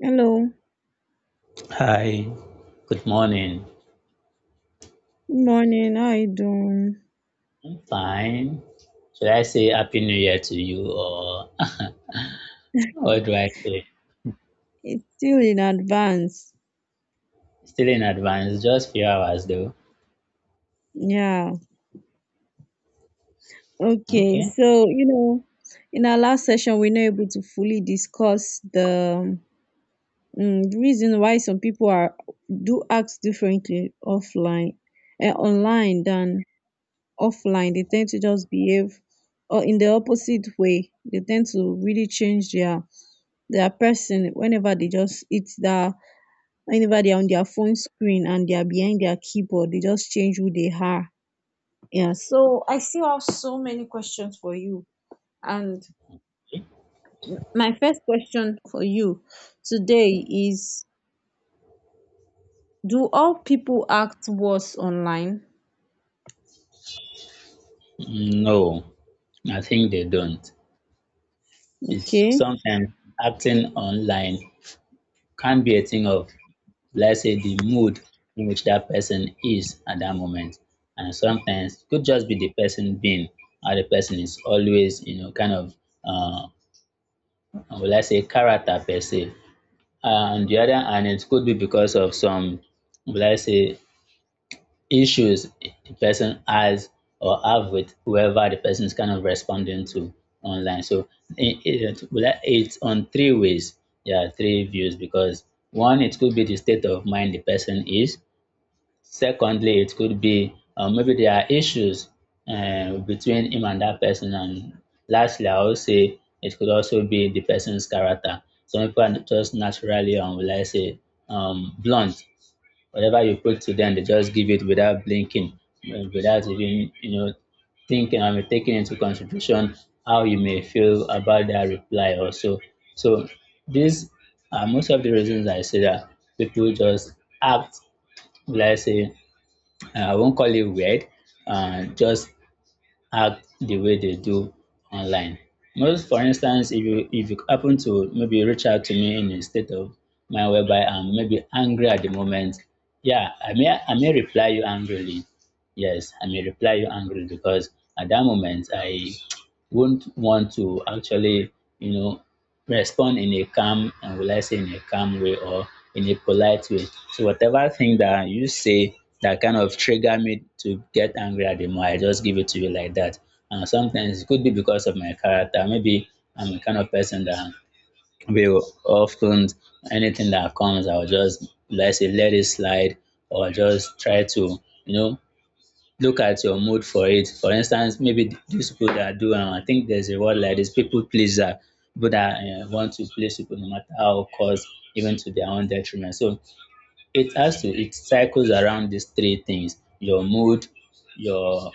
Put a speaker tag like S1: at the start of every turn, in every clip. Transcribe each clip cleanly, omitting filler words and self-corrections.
S1: Hello, good
S2: Hi, good morning.
S1: morning. How are you doing?
S2: I'm fine. Should I say Happy New Year to you or what do I say?
S1: It's still in advance.
S2: Still in advance, just few hours though.
S1: Yeah. Okay.
S2: Okay.
S1: So, you know, in our last session, we are not able to fully discuss the reason why some people are do act differently offline and online than offline. They tend to just behave or in the opposite way. They tend to really change their person whenever they just eat that whenever they're on their phone screen and they're behind their keyboard, they just change who they are. Yeah. So I still have so many questions for you. And my first question for you today is, do all people act worse online?
S2: No, I think they don't. It's
S1: Okay.
S2: sometimes acting online can be a thing of, let's say, the mood in which that person is at that moment. And sometimes it could just be the person being, or the person is always, kind of, uh, will I say, character per se. And the other, and it could be because of some, let's say, issues the person has or have with whoever the person is kind of responding to online. So it, well, it's on three ways. Yeah, three views. Because one, it could be the state of mind the person is. Secondly, it could be, maybe there are issues between him and that person. And lastly, I would say it could also be the person's character. Some people are just naturally, will I say, blunt. Whatever you put to them, they just give it without blinking, without even thinking, I taking into consideration how you may feel about their reply also. So these are most of the reasons I say that people just act, let's say, I won't call it weird, just act the way they do online. Most, for instance, if you happen to maybe reach out to me in a state of mind whereby I'm maybe angry at the moment, yeah, I may reply you angrily. Yes, I may reply you angrily because at that moment I won't want to actually, you know, respond in a calm and will I say in a calm way or in a polite way. So whatever thing that you say that kind of trigger me to get angry at the more, I just give it to you like that. And sometimes it could be because of my character. Maybe I'm the kind of person that will often, anything that comes, I'll just, let's say, let it slide or just try to, you know, look at your mood for it. For instance, maybe these people that do, I think there's a word like this, people pleaser, people that want to please people no matter how, cause even to their own detriment. So it has to, it cycles around these three things: your mood, your,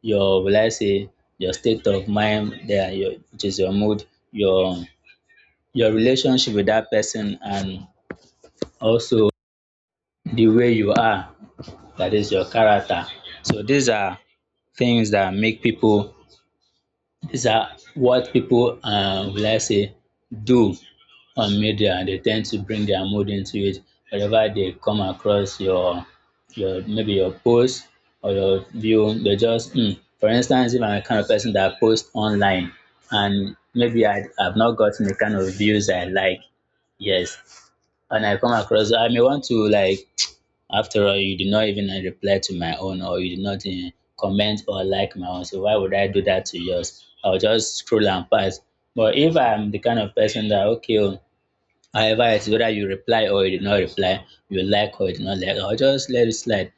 S2: will I say, your state of mind, there, your, which is your mood, your, your relationship with that person, and also the way you are, that is your character. So these are things that make people, these are what people, will I say, do on media, and they tend to bring their mood into it. Whenever they come across your maybe your post or your view, they just For instance, if I'm a kind of person that posts online and maybe I have not gotten the kind of views I like, yes, and I come across, I may want to like, after all you did not even reply to my own or you did not comment or like my own, so why would I do that to yours? I'll just scroll and pass. But if I'm the kind of person that okay, oh, however, it's whether you reply or you did not reply, you like or you did not like, I'll just let it slide.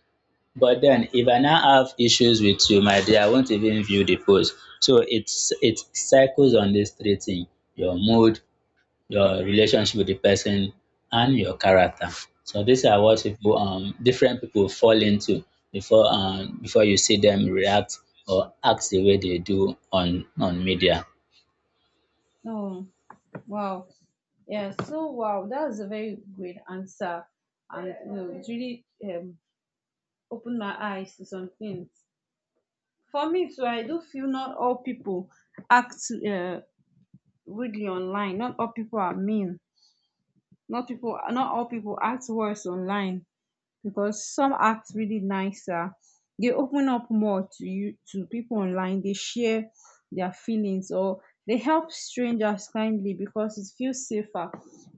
S2: But then if I now have issues with you, my dear, I won't even view the post. So it's, it cycles on this three thing: your mood, your relationship with the person, and your character. So these are what people, different people fall into before, before you see them react or act the way they do on media.
S1: Oh, wow. Yeah, so wow, that was a very great answer. And it really opened my eyes to some things. For me too, I do feel not all people act uh, rudely online. Not all people are mean. Not people. Not all people act worse online because some act really nicer. They open up more to you to people online. They share their feelings or they help strangers kindly because it feels safer.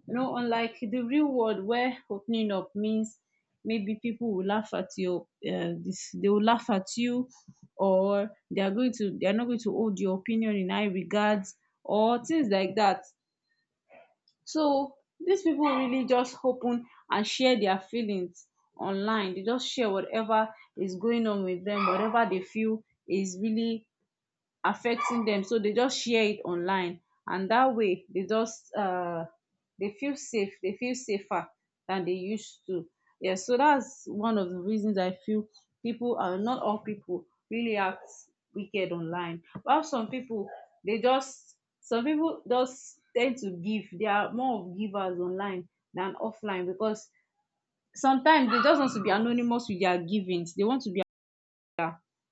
S1: You know, unlike the real world where opening up means maybe people will laugh at your this they will laugh at you or they are going to they are not going to hold your opinion in high regards or things like that, so these people really just open and share their feelings online. They just share whatever is going on with them, whatever they feel is really affecting them, so they just share it online, and that way they just they feel safe, they feel safer than they used to. Yeah, so that's one of the reasons I feel people are not, all people really act wicked online, while some people they just, some people just tend to give, they are more of givers online than offline because sometimes they just want to be anonymous with their givings,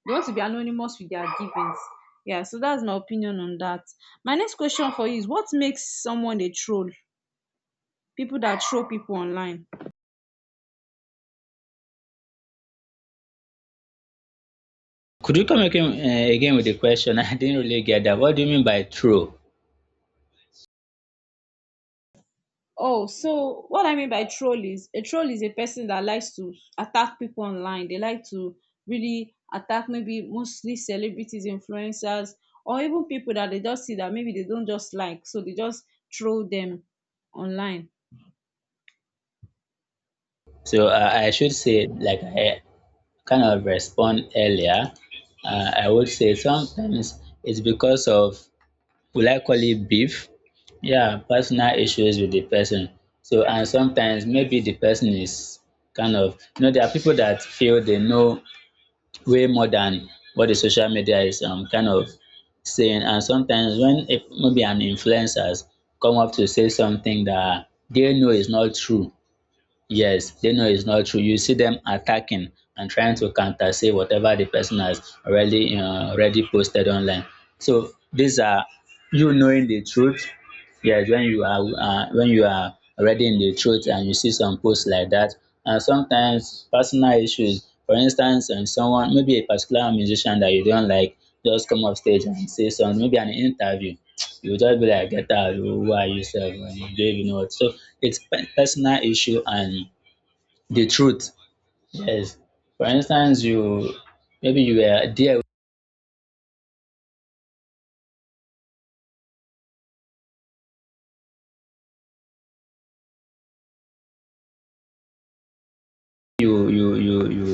S1: they want to be anonymous with their givings. Yeah, so that's my opinion on that. My next question for you is, what makes someone a troll? People that troll people online.
S2: Could you come again, again with the question? I didn't really get that. What do you mean by true?
S1: Oh, so what I mean by troll is, a troll is a person that likes to attack people online. They like to really attack maybe mostly celebrities, influencers, or even people that they just see that maybe they don't just like. So they just troll them online.
S2: So, I should say, like I kind of respond earlier, I would say sometimes it's because of, will I call it beef? Yeah, personal issues with the person. So, and sometimes maybe the person is kind of, there are people that feel they know way more than what the social media is kind of saying. And sometimes when if maybe an influencers come up to say something that they know is not true, yes, they know it's not true. You see them attacking and trying to counter say whatever the person has already already posted online. So these are, you knowing the truth. Yes, when you are already in the truth and you see some posts like that, and sometimes personal issues. For instance, someone, maybe a particular musician that you don't like, just come up stage and say some, maybe an interview. You just be like, get out, who are you, self? You don't even know what. So it's personal issue and the truth. Yes, for instance, you, maybe you were there, you you you you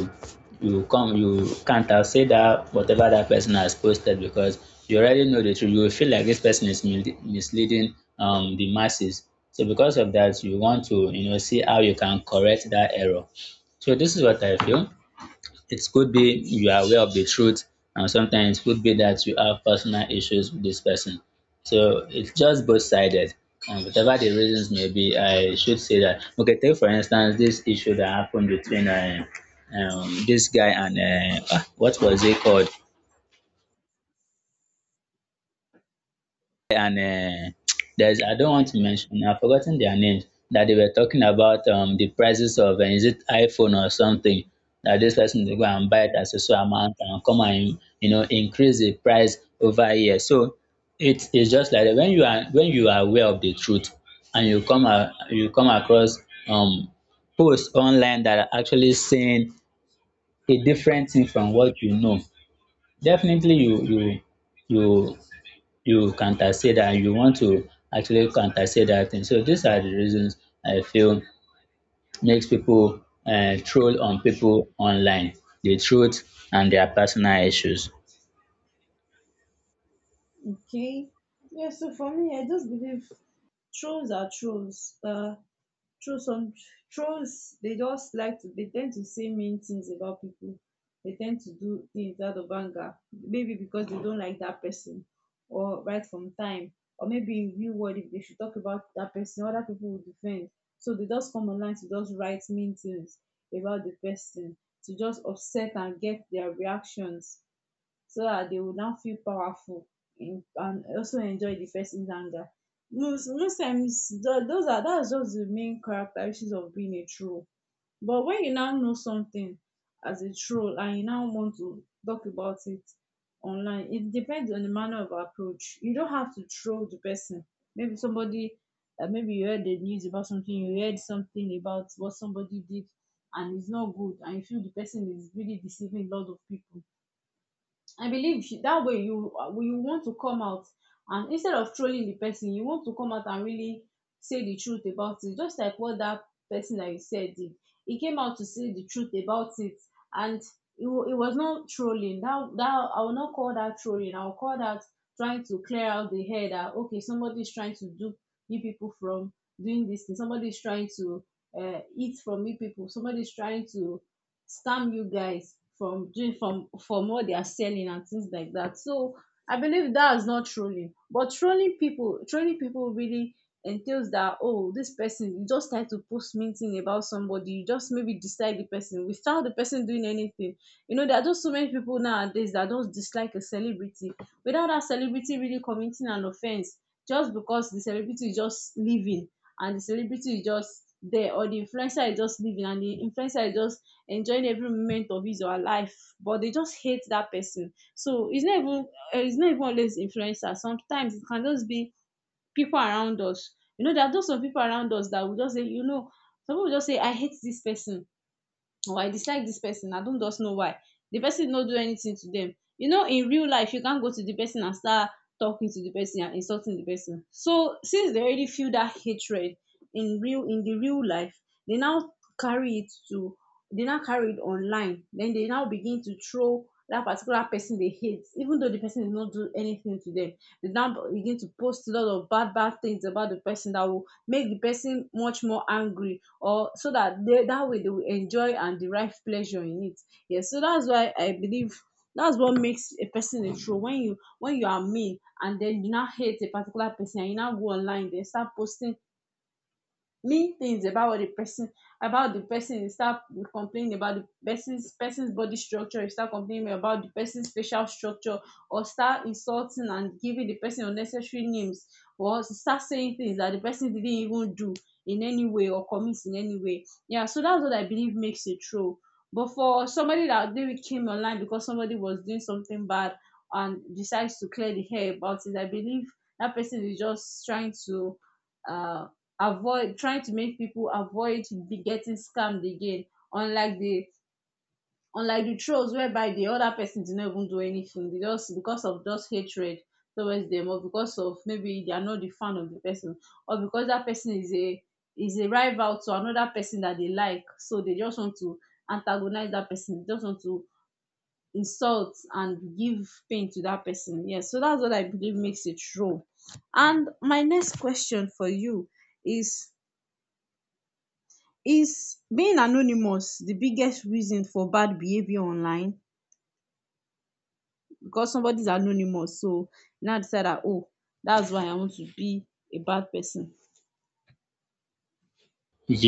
S2: you come, you can't accept that whatever that person has posted because you already know the truth. You will feel like this person is misleading the masses, so because of that you want to, see how you can correct that error. So this is what I feel. It could be you are aware of the truth, and sometimes it could be that you have personal issues with this person. So it's just both sided. And whatever the reasons may be, I should say that. Okay, take for instance this issue that happened between this guy and ah, what was it called? And there's, I don't want to mention. I've forgotten their names. That they were talking about the prices of is it iPhone or something. That this person, they go and buy it at a so amount and come and, you know, increase the price over here. So it is just like that. When you are, when you are aware of the truth and you come across um posts online that are actually saying a different thing from what you know. Definitely you you you you counter say that and you want to actually counter say that thing. So these are the reasons I feel makes people troll on people online, the truth and their personal issues.
S1: Okay. Yeah, so for me, I just believe trolls are trolls. True, some trolls they just like to they tend to say mean things about people. They tend to do things out of anger, maybe because they don't like that person, or right from time, or maybe in real world if they should talk about that person, other people will defend. So they just come online to just write mean things about the person to just upset and get their reactions so that they will now feel powerful in, and also enjoy the person's anger. Most times, tho- those are that's just the main characteristics of being a troll. But when you now know something as a troll and you now want to talk about it online, it depends on the manner of approach. You don't have to troll the person. Maybe somebody, maybe you heard the news about something, you heard something about what somebody did and it's not good, and you feel the person is really deceiving a lot of people, I believe she, that way you you want to come out and instead of trolling the person, you want to come out and really say the truth about it. Just like what that person that you said did, he came out to say the truth about it, and it was not trolling. That I will not call that trolling. I will call that trying to clear out the head that okay, somebody is trying to dupe you people from doing this thing. Somebody is trying to eat from you people. Somebody is trying to scam you guys from doing from what they are selling and things like that. So I believe that is not trolling. But trolling people, trolling people really entails that oh this person, you just try to post mean thing about somebody you just maybe dislike the person without the person doing anything. You know, there are just so many people nowadays that just dislike a celebrity without that celebrity really committing an offense, just because the celebrity is just living and the celebrity is just there, or the influencer is just living and the influencer is just enjoying every moment of his or her life, but they just hate that person. So it's not even always influencers, sometimes it can just be people around us. You know, there are just some people around us that will just say, you know, some people just say I hate this person or I dislike this person. I don't just know why. The person no do anything to them. You know, in real life, you can't go to the person and start talking to the person and insulting the person. So since they already feel that hatred in real, in the real life, they now carry it to they now carry it online. Then they now begin to throw that particular person they hate, even though the person did not do anything to them, they now begin to post a lot of bad things about the person that will make the person much more angry, or so that they, that way they will enjoy and derive pleasure in it. Yes, so that's why I believe that's what makes a person a troll. When you, when you are mean and then you now hate a particular person and you now go online then start posting mean things about what the person, about the person, you start complaining about the person's body structure, you start complaining about the person's facial structure or start insulting and giving the person unnecessary names or start saying things that the person didn't even do in any way or commit in any way. Yeah, so that's what I believe makes it true. But for somebody that maybe came online because somebody was doing something bad and decides to clear the hair about it, I believe that person is just trying to uh avoid, trying to make people avoid be getting scammed again, unlike the unlike the trolls whereby the other person did not even do anything, they just because of just hatred towards them, or because of maybe they are not the fan of the person, or because that person is a rival to another person that they like, so they just want to antagonize that person, they just want to insult and give pain to that person. Yes, so that's what I believe makes it troll. And my next question for you is Is being anonymous the biggest reason for bad behavior online? Because somebody's anonymous, so now decide that, oh, that's why I want to be a bad person.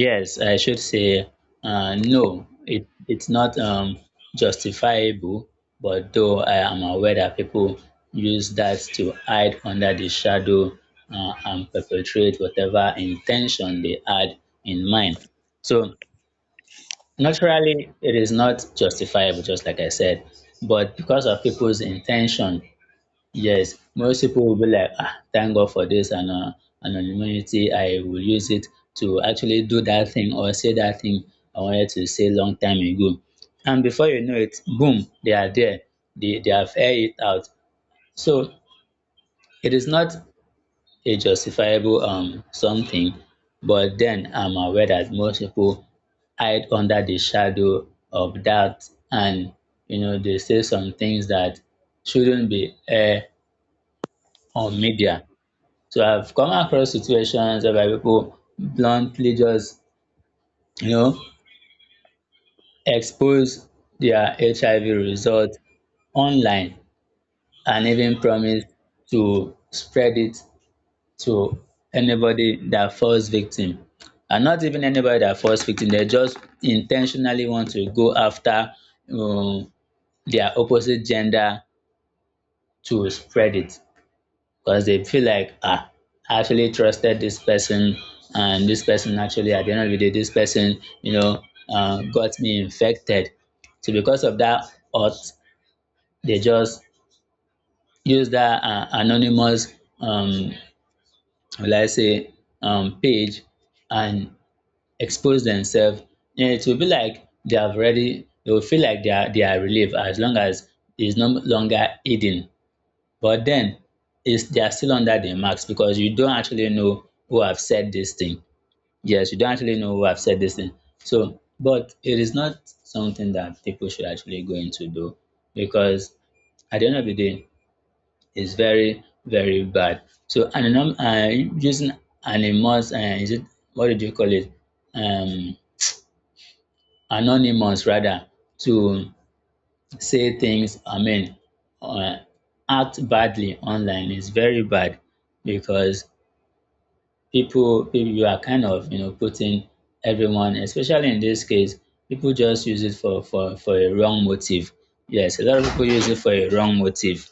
S2: Yes, I should say, no. It's not justifiable, but though I am aware that people use that to hide under the shadow and perpetrate whatever intention they had in mind. So naturally, it is not justifiable, just like I said, but because of people's intention, yes, most people will be like, ah, thank God for this and anonymity. I will use it to actually do that thing or say that thing I wanted to say long time ago. And before you know it, boom, they are there. They have aired it out. So it is not a justifiable something, but then I'm aware that most people hide under the shadow of that, and, you know, they say some things that shouldn't be aired on media. So I've come across situations whereby people bluntly just, you know, expose their HIV result online and even promise to spread it to anybody that falls victim. And not even anybody that falls victim, they just intentionally want to go after, um, their opposite gender to spread it, because they feel like, ah, I actually trusted this person and this person actually, at the end of the day, this person, you know, got me infected. So because of that, auth they just use that anonymous um will I say page and expose themselves, and it will be like they have already, they will feel like they are relieved, as long as it's no longer hidden. But then, it's, they are still under the marks because you don't actually know who have said this thing. Yes, you don't actually know who have said this thing. So, but it is not something that people should actually go into though, because at the end of the day, it's very, very bad. So, using anonymous, is it, what did you call it? Um, anonymous rather, to say things, I mean, uh, act badly online is very bad, because people, you are kind of, you know, putting everyone, especially in this case, people just use it for a wrong motive. Yes, a lot of people use it for a wrong motive.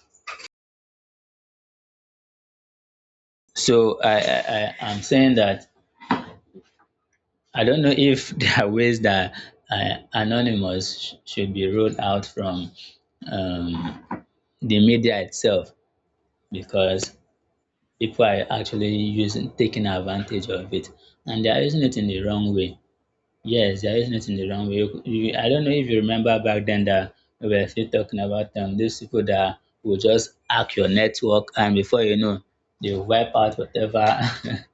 S2: So I'm saying that I don't know if there are ways that anonymous should be ruled out from, um, the media itself, because people are actually using, taking advantage of it, and they are using it in the wrong way. Yes, they are using it in the wrong way. I don't know if you remember back then that we were still talking about these people that will just hack your network and before you know, they will wipe out whatever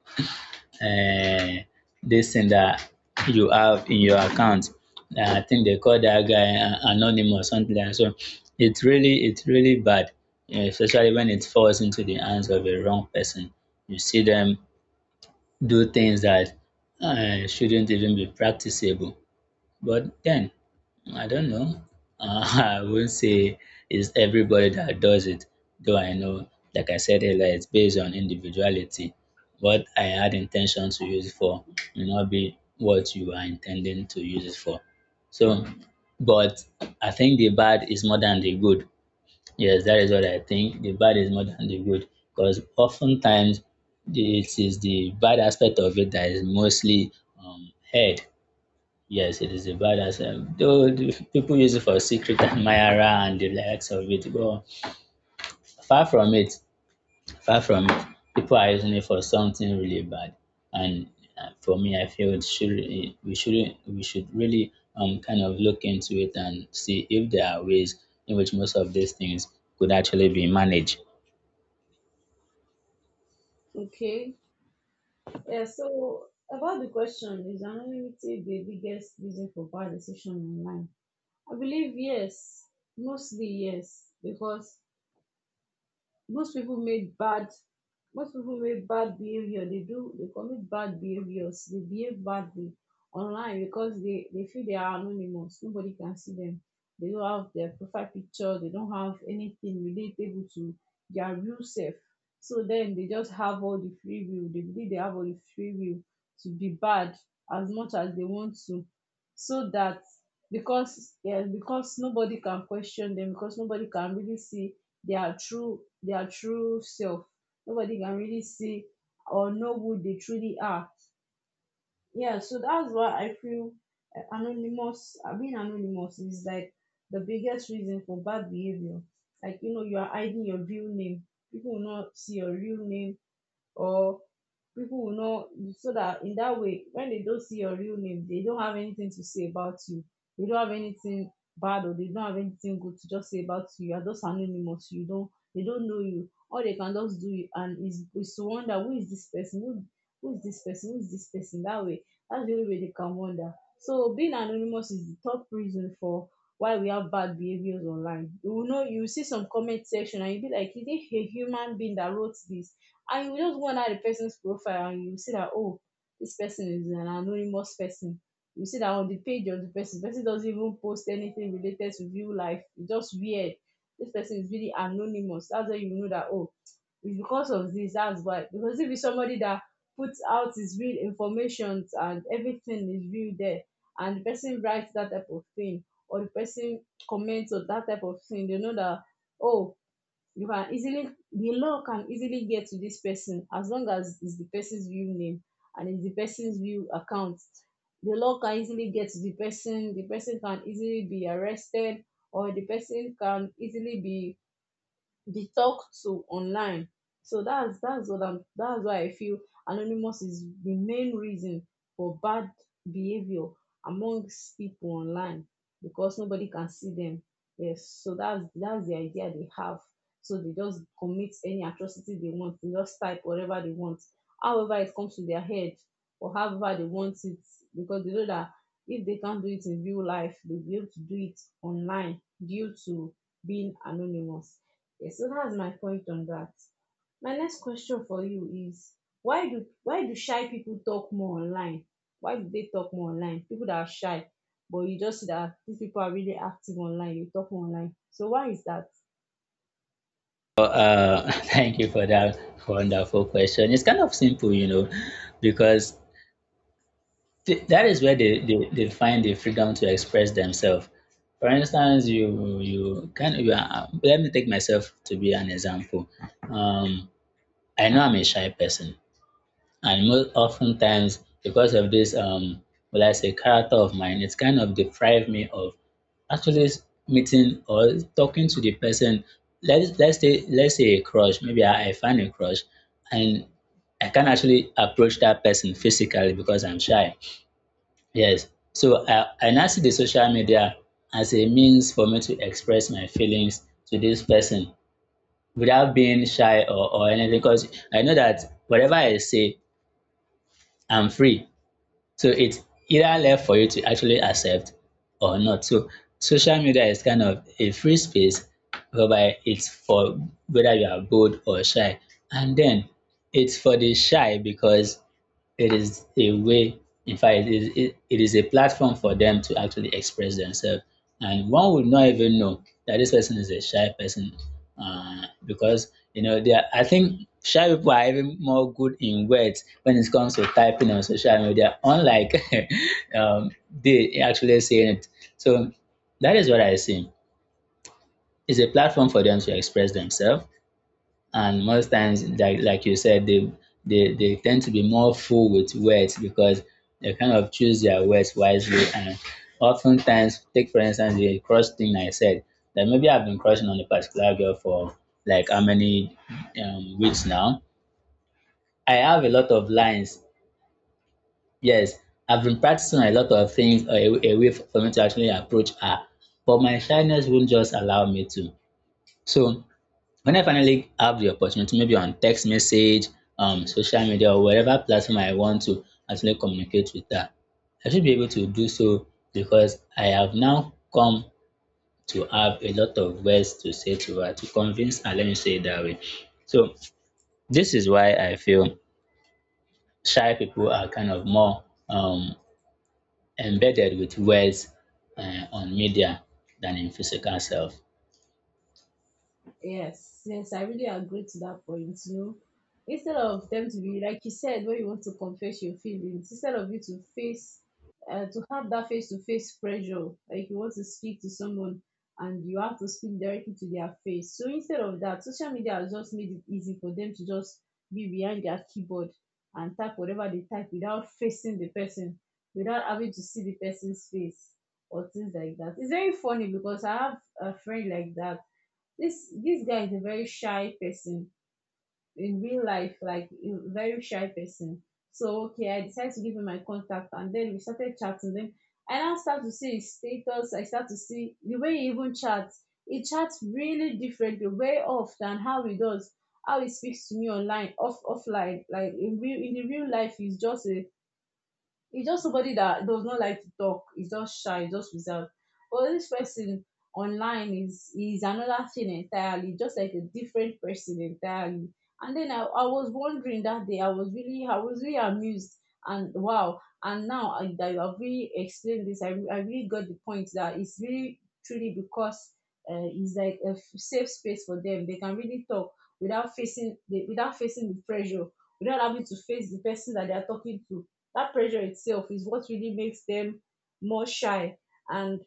S2: um this thing that you have in your account. I think they call that guy anonymous, something like that. So it's really bad, especially when it falls into the hands of a wrong person. You see them do things that shouldn't even be practicable. But then I don't know. I won't say it's everybody that does it, though I know, like I said earlier, it's based on individuality. What I had intention to use it for may not be what you are intending to use it for. So, but I think the bad is more than the good. Yes, that is what I think. The bad is more than the good because oftentimes it is the bad aspect of it that is mostly heard. Yes, it is a bad answer. Though the people use it for secret admirer and the likes of it, but far from it, far from it, people are using it for something really bad. And for me, I feel it should eh, we shouldn't we should really kind of look into it and see if there are ways in which most of these things could actually be managed.
S1: Okay. Yeah, so about the question, is anonymity the biggest reason for bad decision online? I believe yes, mostly yes, because most people make bad most people make bad behavior, they do, they commit bad behaviors, they behave badly online because they feel they are anonymous, nobody can see them, they don't have their profile picture, they don't have anything relatable to their real self. So then they just have all the free will, they believe they have all the free will to be bad as much as they want to. So that, because yeah, because nobody can question them, because nobody can really see their true self. Nobody can really see or know who they truly are. Yeah, so that's why I feel being anonymous is like the biggest reason for bad behavior. Like, you know, you are hiding your real name. People will not see your real name, or people will not, so that in that way when they don't see your real name they don't have anything to say about you, they don't have anything bad or they don't have anything good to just say about you, you are just anonymous, you don't, they don't know you, all they can just do you and is to wonder who is this person, who is this person, that way that's the only way they can wonder. So being anonymous is the top reason for why we have bad behaviors online. You will know, you will see some comment section and you be like, is it a human being that wrote this? And you just go and add the person's profile and you see that, oh, this person is an anonymous person. You see that on the page of the person doesn't even post anything related to real life. It's just weird. This person is really anonymous. That's why you know that, oh, it's because of this. That's why. Because if it's somebody that puts out his real information and everything is real there, and the person writes that type of thing, or the person comments on that type of thing, they know that, oh, you can easily the law can easily get to this person as long as it's the person's real name and it's the person's real account. The law can easily get to the person. The person can easily be arrested or the person can easily be talked to online. So that's why I feel anonymous is the main reason for bad behaviour amongst people online, because nobody can see them. Yes, so that's the idea they have, so they just commit any atrocity they want. They just type whatever they want, however it comes to their head or however they want it, because they know that if they can't do it in real life, they'll be able to do it online due to being anonymous. Yes, so that's my point on that. My next question for you is, why do shy people talk more online? Why do they talk more online? People that are shy, but you just see that these people are really active online, you talk more online. So why is that?
S2: Thank you for that wonderful question. It's kind of simple, you know, because that is where they find the freedom to express themselves. For instance, you can you are, let me take myself to be an example. Um, I know I'm a shy person, and most oftentimes because of this well, I say character of mine, it's kind of deprived me of actually meeting or talking to the person. Let's say a crush. Maybe I find a crush, and I can't actually approach that person physically because I'm shy. Yes. So I now see the social media as a means for me to express my feelings to this person without being shy or anything. Because I know that whatever I say, I'm free. So it's either left for you to actually accept or not. So social media is kind of a free space whereby it's for whether you are bold or shy. And then it's for the shy because it is a way, in fact it is a platform for them to actually express themselves, and one would not even know that this person is a shy person because you know they are, I think shy people are even more good in words when it comes to typing on social media, unlike um, they actually saying it. So that is what I see. It's a platform for them to express themselves, and most times, like you said, they tend to be more full with words because they kind of choose their words wisely. And oftentimes take, for instance, the crush thing I said, that maybe I've been crushing on a particular girl for like how many weeks now. I have a lot of lines. Yes, I've been practicing a lot of things, a way for me to actually approach her, but my shyness won't just allow me to. So when I finally have the opportunity, maybe on text message, social media, or whatever platform I want to actually communicate with her, I should be able to do so because I have now come to have a lot of words to say to her to convince her. Let me say it that way. So this is why I feel shy people are kind of more um, embedded with words on media than in physical self.
S1: Yes, yes, I really agree to that point. You know, instead of them to be like you said, when you want to confess your feelings, instead of you to face, to have that face-to-face pressure, like you want to speak to someone and you have to speak directly to their face. So instead of that, social media has just made it easy for them to just be behind their keyboard and type whatever they type without facing the person, without having to see the person's face or things like that. It's very funny because I have a friend like that. This guy is a very shy person in real life, like a very shy person. So okay, I decided to give him my contact and then we started chatting. Then I now start to see his status, I start to see the way he even chats. He chats really differently, way off than how he does, how he speaks to me online, offline, like in real, in the real life, he's just a, it's just somebody that does not like to talk. It's just shy, it's just reserved. But this person online is another thing entirely, just like a different person entirely. And then I was wondering that day, I was really, I was really amused, and wow. And now I, that you have really explained this, I, I really got the point that it's really truly because it's like a safe space for them. They can really talk without facing the, without facing the pressure, without having to face the person that they are talking to. That pressure itself is what really makes them more shy. And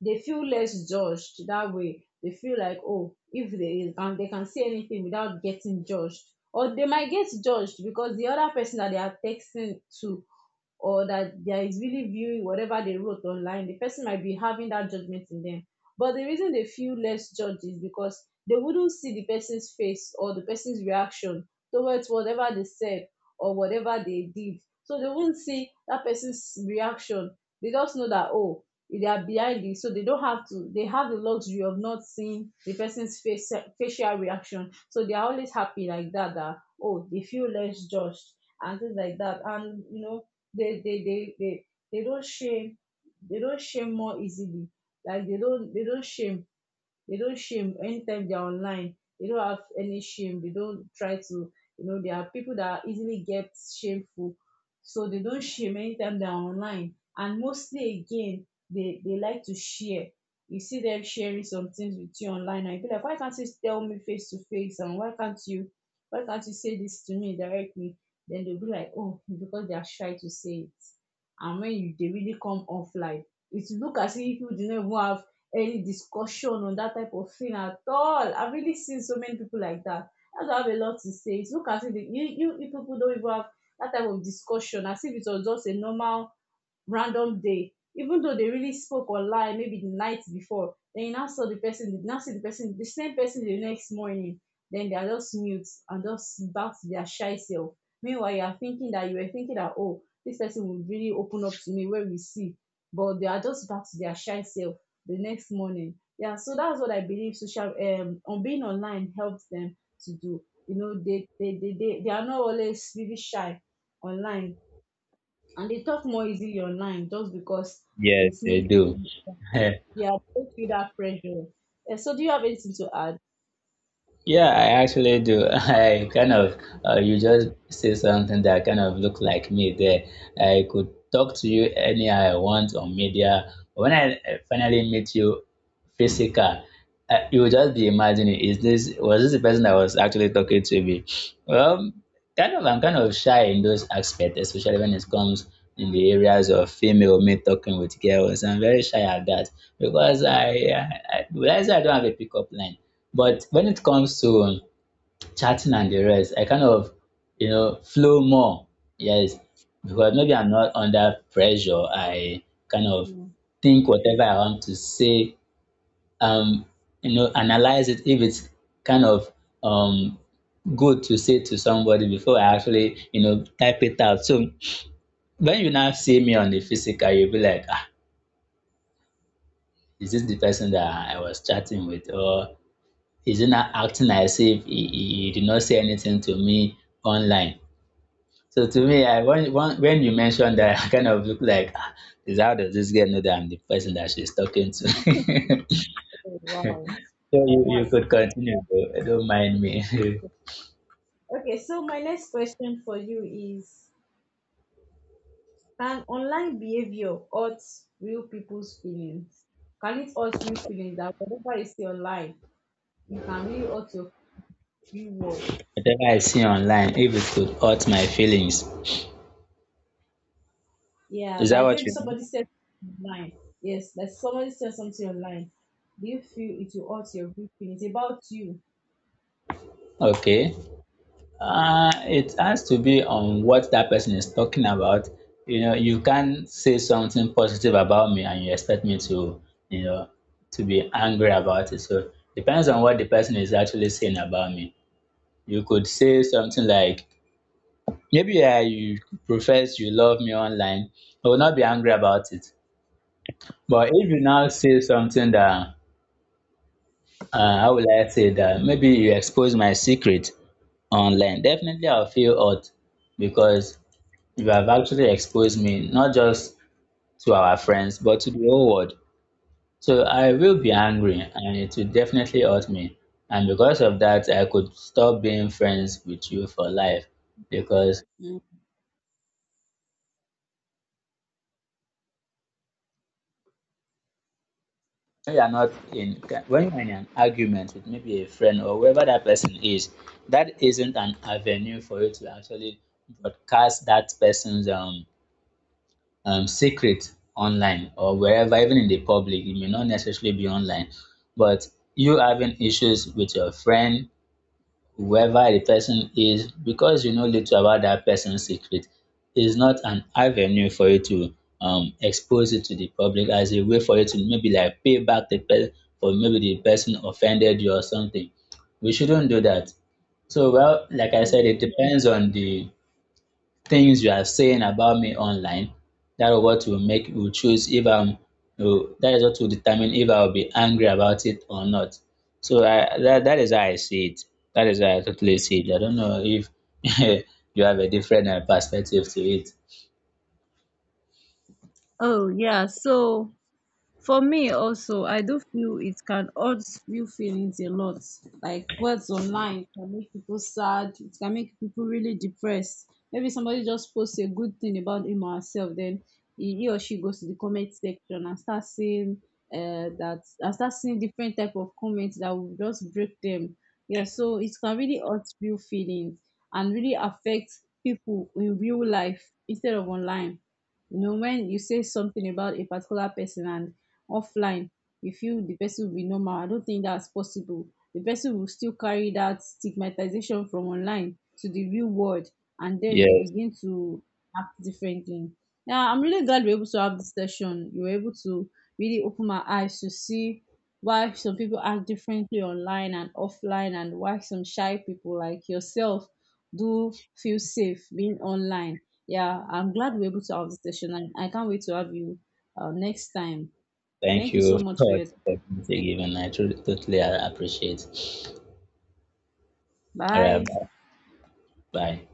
S1: they feel less judged that way. They feel like, oh, if they, and they can say anything without getting judged, or they might get judged because the other person that they are texting to or that there is really viewing whatever they wrote online, the person might be having that judgment in them. But the reason they feel less judged is because they wouldn't see the person's face or the person's reaction towards whatever they said or whatever they did. So they won't see that person's reaction. They just know that, oh, they are behind it. So they don't have to, they have the luxury of not seeing the person's face, facial reaction. So they are always happy like that, that, oh, they feel less judged and things like that. And, you know, they they they they, they don't shame they don't shame more easily, like they don't shame anytime they're online. They don't have any shame. They don't try to, you know, there are people that easily get shameful. So they don't shame anytime they're online. And mostly again, they like to share. You see them sharing some things with you online and you be like, why can't you tell me face to face, and why can't you say this to me directly? Then they'll be like, oh, because they are shy to say it. And when you, they really come offline, it look as if you do not even have any discussion on that type of thing at all. I've really seen so many people like that. That's why I have a lot to say. It's look as if the, you people don't even have that type of discussion, as if it was just a normal random day, even though they really spoke online, maybe the night before. Then you now saw the person, the same person the next morning, then they are just mute and just back to their shy self. Meanwhile, you are thinking that, you were thinking that, oh, this person will really open up to me where we see, but they are just back to their shy self the next morning. Yeah, so that's what I believe social, on being online, helps them to do. You know, they are not always really shy online, and they talk more easily online just because
S2: Yes,
S1: it's
S2: they
S1: made,
S2: do.
S1: yeah, they feel that pressure. Eh, so do you have anything to add?
S2: Yeah, I actually do. I kind of, you just say something that kind of look like me there. I could talk to you anyhow I want on media. But when I finally meet you, physical. You would just be imagining, is this, was this the person I was actually talking to me? Well, I'm kind of shy in those aspects, especially when it comes in the areas of female, me talking with girls. I'm very shy at that because I would, I say I don't have a pickup line. But when it comes to chatting and the rest, I kind of, you know, flow more. Yes, because maybe I'm not under pressure. I kind of
S1: No.
S2: think whatever I want to say, um, you know, analyze it if it's kind of um, good to say to somebody before I actually, you know, type it out. So when you now see me on the physical, you'll be like, ah, is this the person that I was chatting with? Or is he not acting as if he did not say anything to me online? So to me, I when you mentioned that, I kind of look like, ah, is, how does this girl know that I'm the person that she's talking to? So you,
S1: Oh, wow, wow,
S2: you
S1: that's
S2: could continue, though. Don't mind me.
S1: okay. So my next question for you is: can online behavior hurt real people's feelings? Can it hurt real feelings? That whatever you see online, you can really hurt your real world?
S2: Whatever I see online, if it could hurt my feelings.
S1: Yeah,
S2: Is that
S1: like
S2: what
S1: maybe
S2: you mean?
S1: somebody said online. Yes, like somebody said something online. Do you feel it will hurt your real feelings about you?
S2: Okay. It has to be on what that person is talking about. You know, you can't say something positive about me and you expect me to, you know, to be angry about it. So depends on what the person is actually saying about me. You could say something like, maybe you profess you love me online. I will not be angry about it. But if you now say something that, how will I say that? Maybe you expose my secret online. Definitely, I'll feel hurt because you have actually exposed me not just to our friends but to the whole world. So I will be angry and it will definitely hurt me. And because of that, I could stop being friends with you for life because
S1: Mm,
S2: when you are not in when you are in an argument with maybe a friend or whoever that person is, that isn't an avenue for you to actually broadcast that person's secret online or wherever, even in the public. It may not necessarily be online, but you having issues with your friend, whoever the person is, because you know little about that person's secret, is not an avenue for you to expose it to the public as a way for you to maybe like pay back the person for, maybe the person offended you or something. We shouldn't do that. So well, like I
S1: mm.
S2: said, it depends on the things you are saying about me online. That is what will make will choose if I'm will that is what will determine if I'll be angry about it or not. So I, that is how I see it. That is how I totally see it. I don't know if you have a different perspective to it.
S1: Oh, yeah. So, for me also, I do feel it can hurt real feelings a lot. Like, words online can make people sad, it can make people really depressed. Maybe somebody just posts a good thing about him or herself, then he or she goes to the comment section and start seeing, that and start seeing different type of comments that will just break them. Yeah, so it can really hurt real feelings and really affect people in real life. Instead of online, you know, when you say something about a particular person and offline you feel the person will be normal, I don't think that's possible. The person will still carry that stigmatization from online to the real world, and then they
S2: Yes,
S1: begin to act differently. Yeah, I'm really glad we're able to have this session. You were able to really open my eyes to see why some people act differently online and offline, and why some shy people like yourself do feel safe being online. Yeah, I'm glad we're able to have this session, and I can't wait to have you next time.
S2: thank
S1: Thank you
S2: you
S1: so much for
S2: for
S1: it.
S2: the opportunity given. I truly, totally appreciate. All
S1: Bye.
S2: right, bye. Bye.